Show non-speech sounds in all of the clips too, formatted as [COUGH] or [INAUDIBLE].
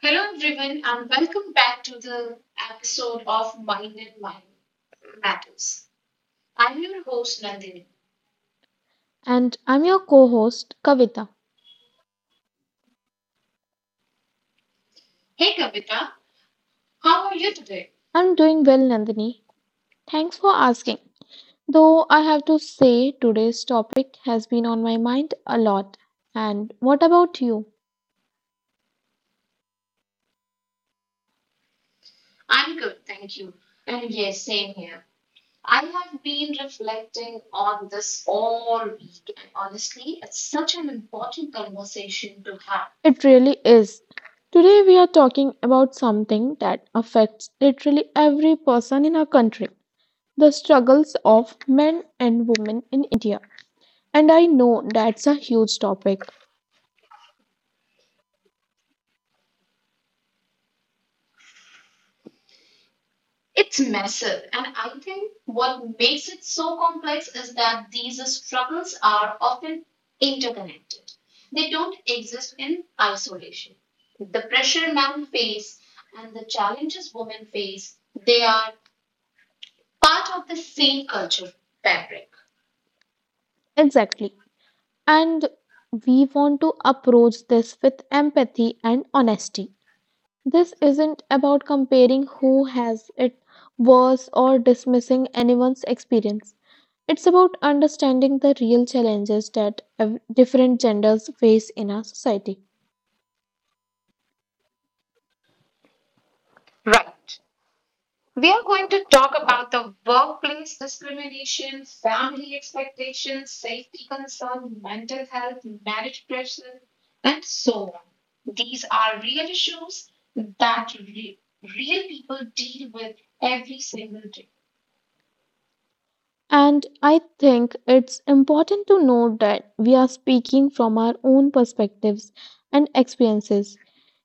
Hello, everyone, and welcome back to the episode of Mind and Mind Matters. I'm your host, Nandini. And I'm your co host, Kavita. Hey, Kavita, how are you today? I'm doing well, Nandini. Thanks for asking. Though I have to say, today's topic has been on my mind a lot. And what about you? I'm good, thank you. And yes, same here. I have been reflecting on this all week, and honestly, it's such an important conversation to have. It really is. Today, we are talking about something that affects literally every person in our country: the struggles of men and women in India. And I know that's a huge topic. It's massive, and I think what makes it so complex is that these struggles are often interconnected. They don't exist in isolation. The pressure men face and the challenges women face, they are part of the same culture fabric. Exactly. And we want to approach this with empathy and honesty. This isn't about comparing who has it worse or dismissing anyone's experience. It's about understanding the real challenges that different genders face in our society. Right. We are going to talk about the workplace discrimination, family expectations, safety concerns, mental health, marriage pressure, and so on. These are real issues that real people deal with every single day. And I think it's important to note that we are speaking from our own perspectives and experiences.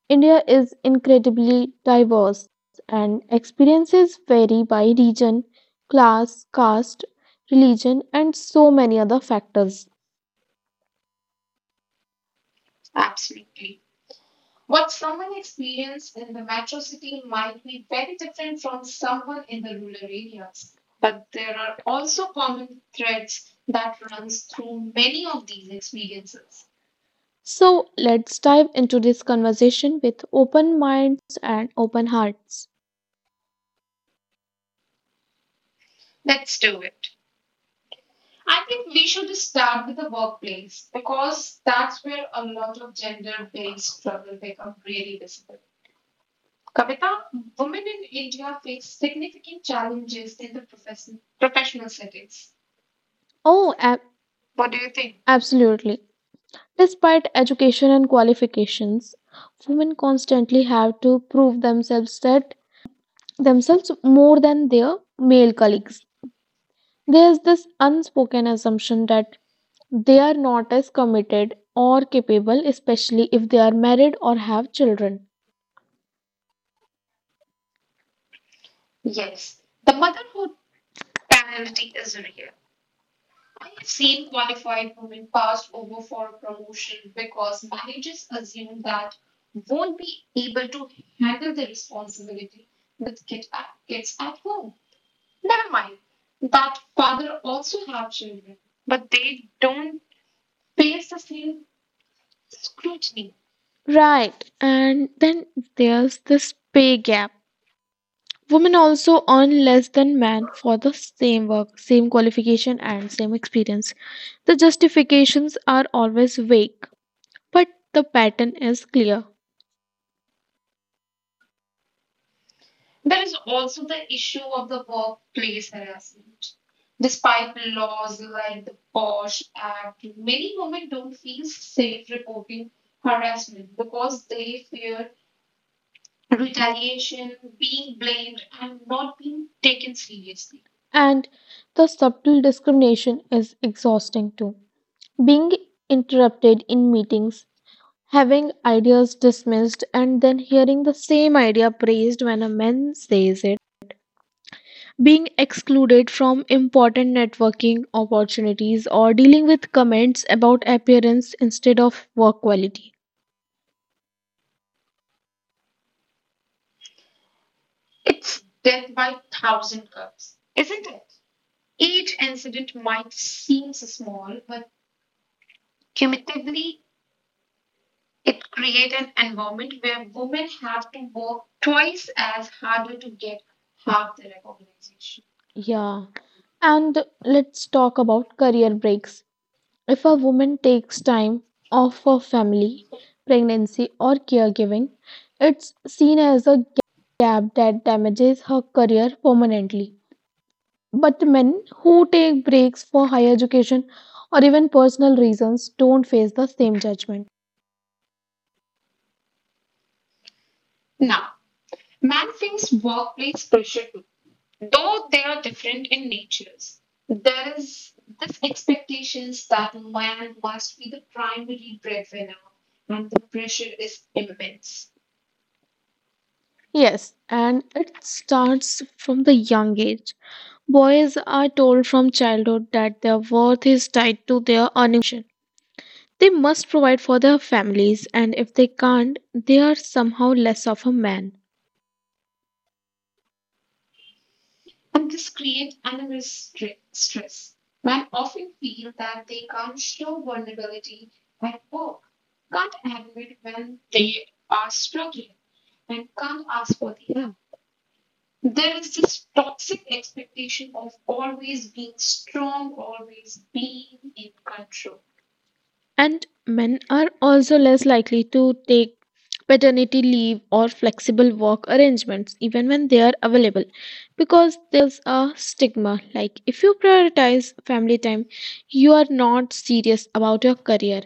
India is incredibly diverse, and experiences vary by region, class, caste, religion, and so many other factors. Absolutely. What someone experiences in the metro city might be very different from someone in the rural areas. But there are also common threads that runs through many of these experiences. So, let's dive into this conversation with open minds and open hearts. Let's do it. I think we should start with the workplace because that's where a lot of gender based trouble become really visible. Kavita, women in India face significant challenges in the professional settings. Oh, What do you think? absolutely. Despite education and qualifications, women constantly have to prove themselves that themselves more than their male colleagues. There's this unspoken assumption that they are not as committed or capable, especially if they are married or have children. Yes, the motherhood penalty is real. I've seen qualified women passed over for promotion because managers assume that won't be able to handle the responsibility with kids at home. Never mind that father also have children, but they don't face the same scrutiny. Right. And then there's this pay gap. Women also earn less than men for the same work, same qualification, and same experience. The justifications are always vague, but the pattern is clear. There is also the issue of the workplace harassment. Despite laws like the Bosch Act, many women don't feel safe reporting harassment because they fear retaliation, being blamed, and not being taken seriously. And the subtle discrimination is exhausting too. Being interrupted in meetings, having ideas dismissed and then hearing the same idea praised when a man says it, being excluded from important networking opportunities, or dealing with comments about appearance instead of work quality. It's death by thousand cuts, isn't it? Each incident might seem small, but cumulatively, it creates an environment where women have to work twice as harder to get half the recognition. Yeah. And let's talk about career breaks. If a woman takes time off for family, pregnancy, or caregiving, it's seen as a gap that damages her career permanently. But men who take breaks for higher education or even personal reasons don't face the same judgment. Now, man face workplace pressure too. Though they are different in natures, there is this expectations that man must be the primary breadwinner, and the pressure is immense. Yes, and it starts from the young age. Boys are told from childhood that their worth is tied to their earning potential. They must provide for their families, and if they can't, they are somehow less of a man. And this creates another stress. Men often feel that they can't show vulnerability at work, can't admit when they are struggling, and can't ask for the help. There is this toxic expectation of always being strong, always being in control. And men are also less likely to take paternity leave or flexible work arrangements even when they are available, because there's a stigma like if you prioritize family time, you are not serious about your career.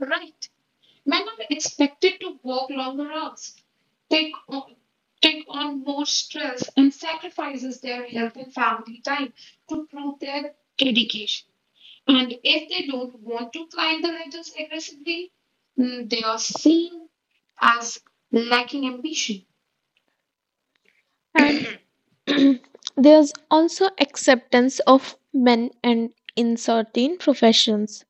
Right. Men are expected to work longer hours, take on, take on more stress, and sacrifices their health and family time to prove their dedication. And if they don't want to climb the ladders aggressively, they are seen as lacking ambition. And [CLEARS THROAT] there's also acceptance of men and in certain professions.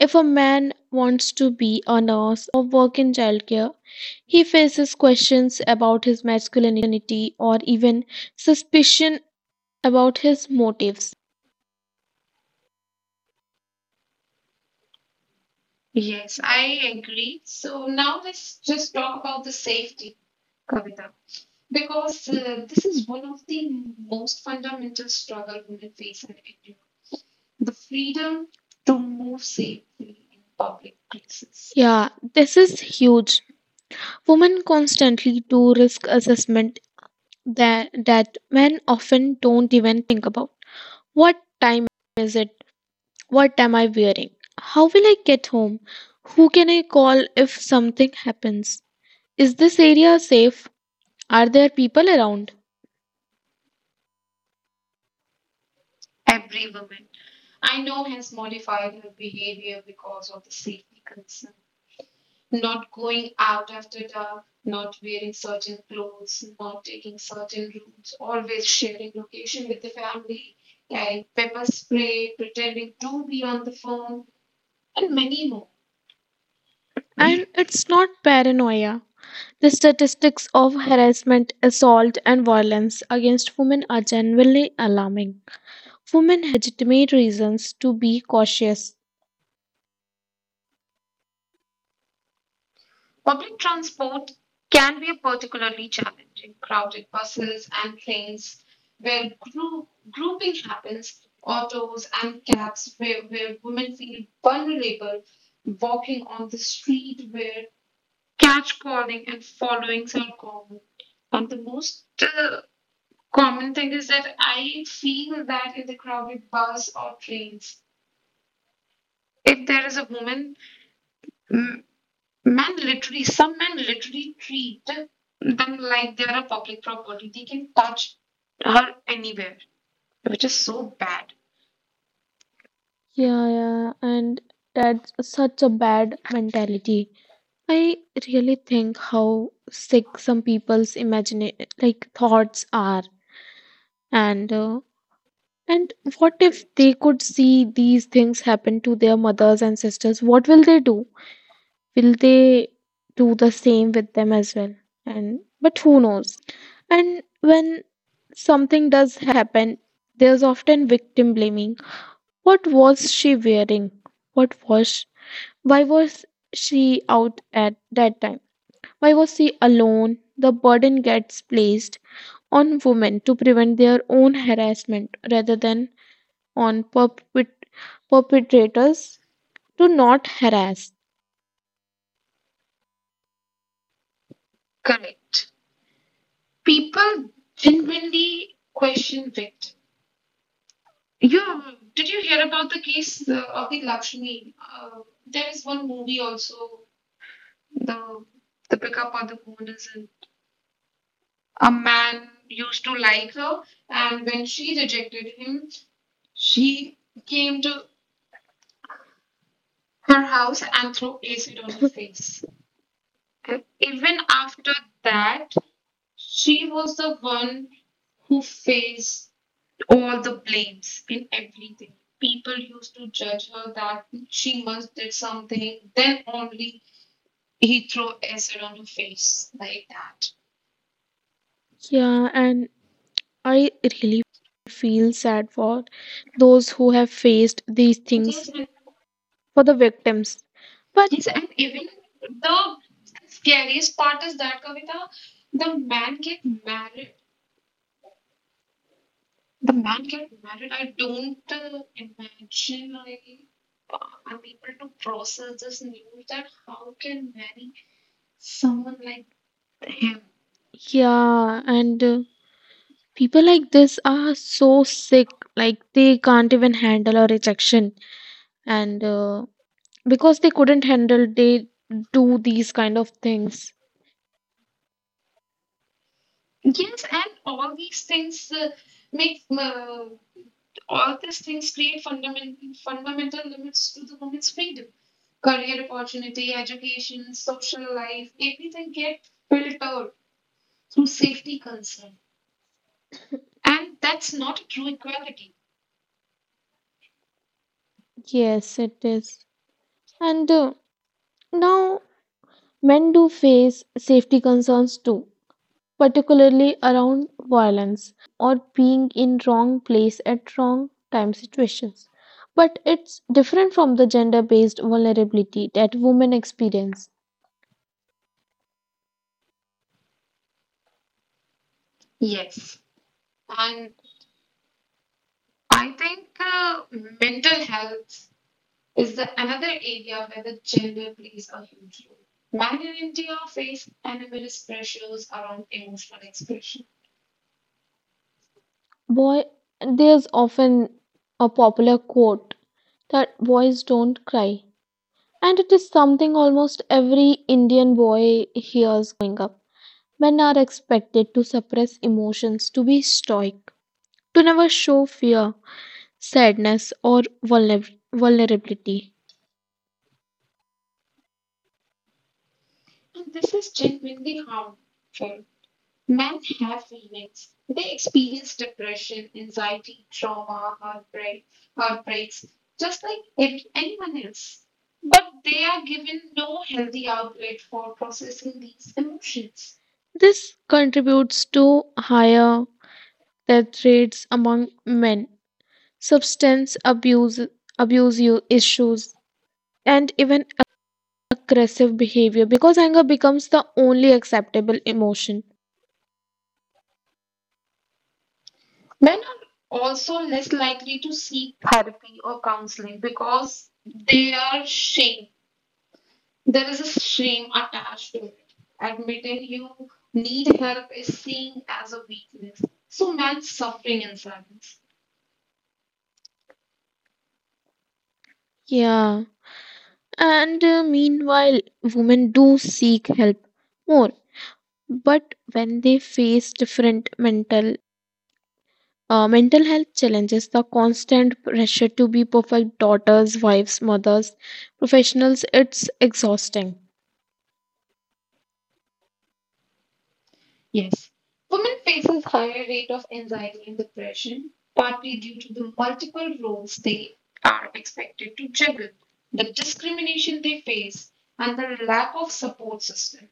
If a man wants to be a nurse, a teacher, or work in childcare, he faces questions about his masculinity or even suspicion about his motives. Yes, I agree. So now let's just talk about the safety, Kavita, because this is one of the most fundamental struggle women face in the freedom to move safely in public places. Yeah, this is huge. Women constantly do risk assessment that men often don't even think about. What time is it? What am I wearing? How will I get home? Who can I call if something happens? Is this area safe? Are there people around? Every woman I know has modified her behavior because of the safety concern. Not going out after dark, not wearing certain clothes, not taking certain routes, always sharing location with the family, carrying pepper spray, pretending to be on the phone, and many more. And it's not paranoia. The statistics of harassment, assault, and violence against women are genuinely alarming. Women have legitimate reasons to be cautious. Public transport can be particularly challenging. Crowded buses and trains where grouping happens, autos and cabs where women feel vulnerable, walking on the street where catcalling and followings are common. And the most common thing is that I feel that in the crowded bus or trains, if there is a woman, mm, some men literally treat them like they are a public property. They can touch her anywhere, which is so bad. Yeah, yeah, and that's such a bad mentality. I really think how sick some people's imagine like thoughts are, and and what if Correct. they could see these things happen to their mothers and sisters? What will they do? Will they do the same with them as well? And but who knows. And when something does happen, there's often victim blaming. What was she wearing? What was why was she out at that time? Why was she alone? The burden gets placed on women to prevent their own harassment rather than on perpetrators to not harass. Correct. People genuinely question victims. You did you hear about the case of the Lakshmi? There is one movie also. The the pickup or the phone is in. A man used to like her, and when she rejected him, she came to her house and threw acid on her face. Even after that, she was the one who faced all the blames in everything. People used to judge her that she must did something, then only he threw acid on her face like that. Yeah, and I really feel sad for those who have faced these things, Yes, and, for the victims. But yes, and even the scariest part is that, Kavita, the man get married. The man get married, I don't imagine uh, I'm able to process this news that how can marry someone like him. yeah, and people like this are so sick, like they can't even handle a rejection. And because they couldn't handle, they do these kind of things. Yes, and all make uh, these things create fundamental limits to the woman's freedom, career opportunity, education, social life, everything get filtered through safety concern, and that's not a true equality. Yes, it is. And now men do face safety concerns too, particularly around violence, robbery, or being in wrong place at wrong time situations. But it's different from the gender based vulnerability that women experience. Yes, and I think mental health is another area where the gender plays a huge role. Men in India face enormous pressures around emotional expression, Boy, there's often a popular quote that boys don't cry, and it is something almost every Indian boy hears growing up. Men are expected to suppress emotions, to be stoic, to never show fear, sadness, or vulnerability. and this is genuinely harmful. Men have feelings. They experience depression, anxiety, trauma, heartbreaks, just like anyone else. But they are given no healthy outlet for processing these emotions. This contributes to higher death rates among men, substance abuse, issues, and even aggressive behavior because anger becomes the only acceptable emotion. Men are also less likely to seek therapy or counseling because they are shame. There is a shame attached to it. Admitting you need help is seen as a weakness. So man suffering in silence. Yeah, and meanwhile, women do seek help more, but when they face different mental mental health challenges, the constant pressure to be perfect daughters, wives, mothers, professionals. It's exhausting. Yes. Women faces higher rate of anxiety and depression, partly due to the multiple roles they are expected to juggle, the discrimination they face, and the lack of support system.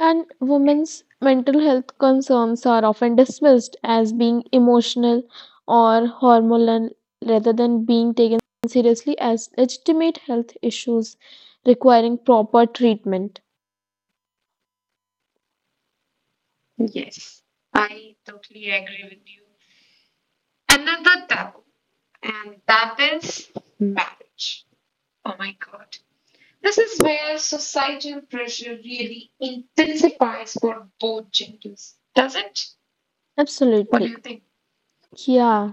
And women's mental health concerns are often dismissed as being emotional or hormonal rather than being taken seriously as legitimate health issues requiring proper treatment. Yes, I totally agree with you. Another taboo, and that is marriage. Oh my God. This is where societal pressure really intensifies for both genders, doesn't it? What do Absolutely. you think? Yeah.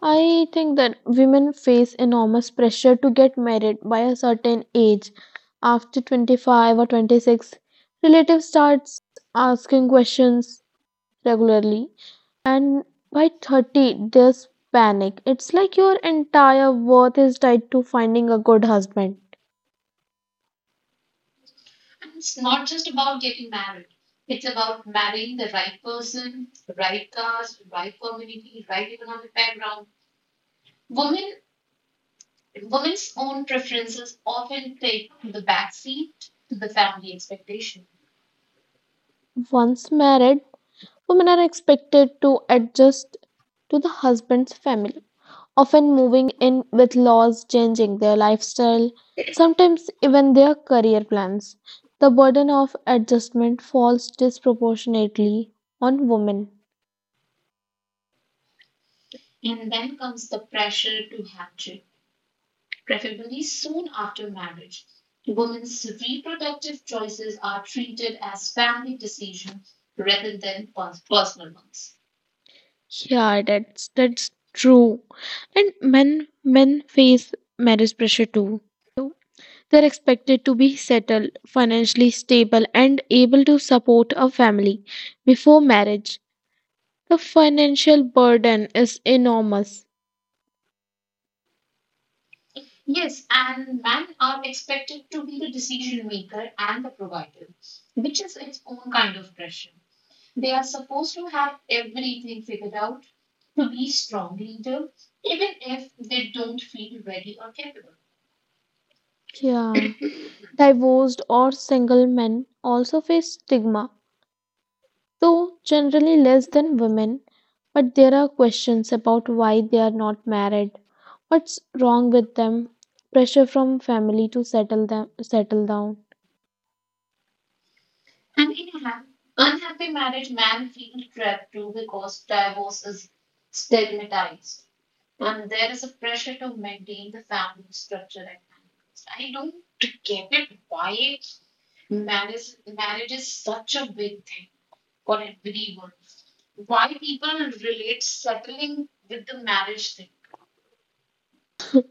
I think that women face enormous pressure to get married by a certain age. After 25 or 26, relatives starts asking questions regularly and by 30 there's panic. It's like your entire worth is tied to finding a good husband. And it's not just about getting married. It's about marrying the right person, right caste, right community, right economic background. Women, women's own preferences often take the backseat to the family expectation. Once married, women are expected to adjust to the husband's family, often moving in with laws changing their lifestyle, sometimes even their career plans. The burden of adjustment falls disproportionately on women. And then comes the pressure to have children, preferably soon after marriage. Women's reproductive choices are treated as family decisions rather than personal ones. Yeah, that's true. And men face marriage pressure too, though they're expected to be settled, financially stable, and able to support a family before marriage. The financial burden is enormous. Yes, and men are expected to be the decision maker and the provider, which is its own kind of pressure. They are supposed to have everything figured out, to be strong leader, even if they don't feel ready or capable. Yeah. Divorced or single men also face stigma, though generally less than women. But there are questions about why they are not married, what's wrong with them, pressure from family to settle down. And in an unhappy marriage, man feel trapped too because divorce is stigmatized. And there is a pressure to maintain the family structure at any. I don't get it why marriage is such a big thing for everyone. Why people relate settling with the marriage thing.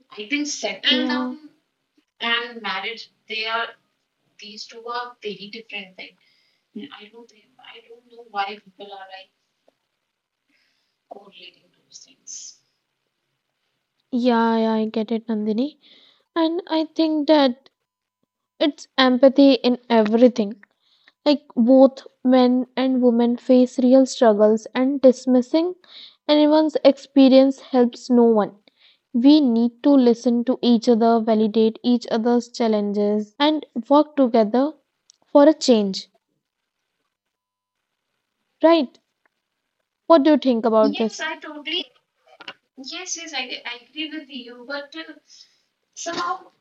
I think settle Yeah, down and marriage, they are these two are very different things. Yeah, I don't know why people are like correlating those things. yeah, yeah, I get it, Nandini. And I think that it's empathy in everything. Like both men and women face real struggles, and dismissing anyone's experience helps no one. We need to listen to each other, validate each other's challenges, and work together for a change. Right? What do you think about Yes, this? I totally, yes, I agree with you, but somehow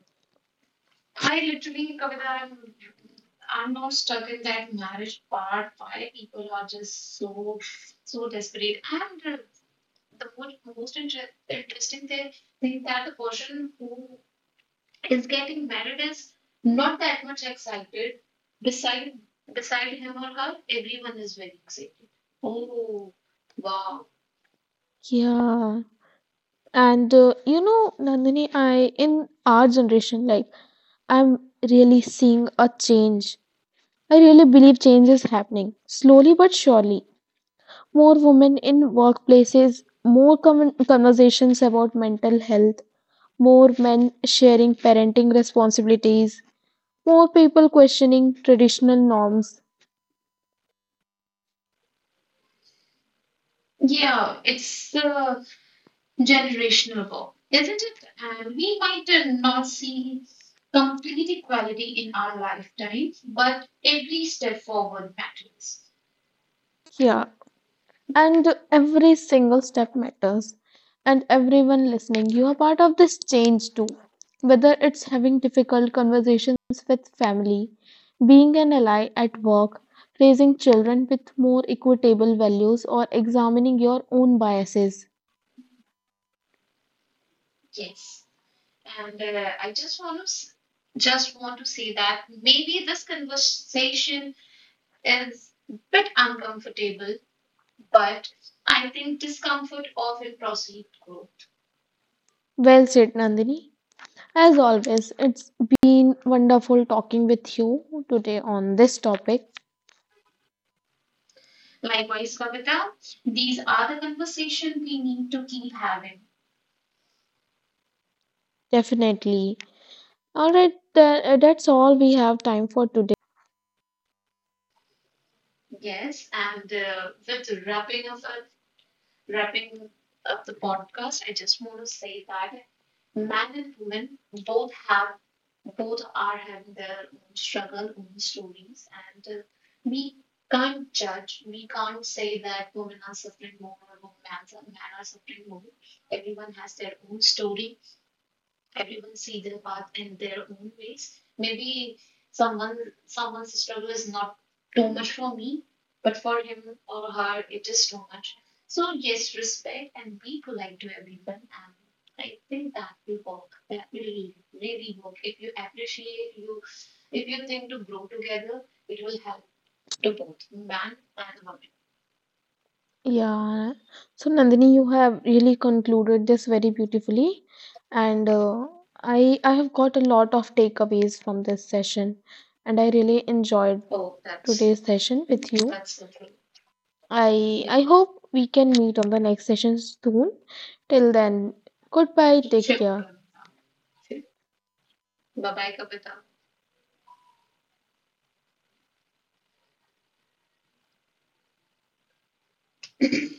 I literally, Kavita, I'm now stuck in that marriage part. Why people are just so, so desperate. And the most interesting thing that the person who is getting married is not that much excited. Beside beside him or her, everyone is very excited. Oh, wow. Yeah. And you know, Nandini, I in our generation, like I'm really seeing a change. I really believe change is happening slowly but surely. More women in workplaces, more conversations about mental health, more men sharing parenting responsibilities, more people questioning traditional norms. Yeah, it's a generational war, isn't it? And we might not see complete equality in our lifetime, but every step forward matters. Yeah, and every single step matters. And everyone listening, you are part of this change too. Whether it's having difficult conversations with family, being an ally at work, raising children with more equitable values, or examining your own biases. Yes. And I just want to say that maybe this conversation is a bit uncomfortable, but I think discomfort of will proceed growth. Well said, Nandini. As always, it's been wonderful talking with you today on this topic. Likewise, Kavita, these are the conversation we need to keep having. Definitely. All right, that's all we have time for today. Yes, and with wrapping up the podcast, I just want to say that man and woman both have both are having their own struggle, own stories, and we can't judge. We can't say that women are suffering more or men are suffering more. Everyone has their own story. Everyone see their path in their own ways. Maybe someone someone's struggle is not too much for me, but for him or her it is too much. So yes, respect and be polite to everyone, and I think that will work. That will really, really work. If you appreciate you, if you think to grow together, it will help to both man and woman. Yeah. So, Nandini, you have really concluded this very beautifully, and I have got a lot of takeaways from this session, and I really enjoyed Oh, that's today's session with you. that's the thing. I Yeah. I hope we can meet on the next session soon. Till then, goodbye, take Sure. care. Bye bye, Kapita. [LAUGHS] [COUGHS]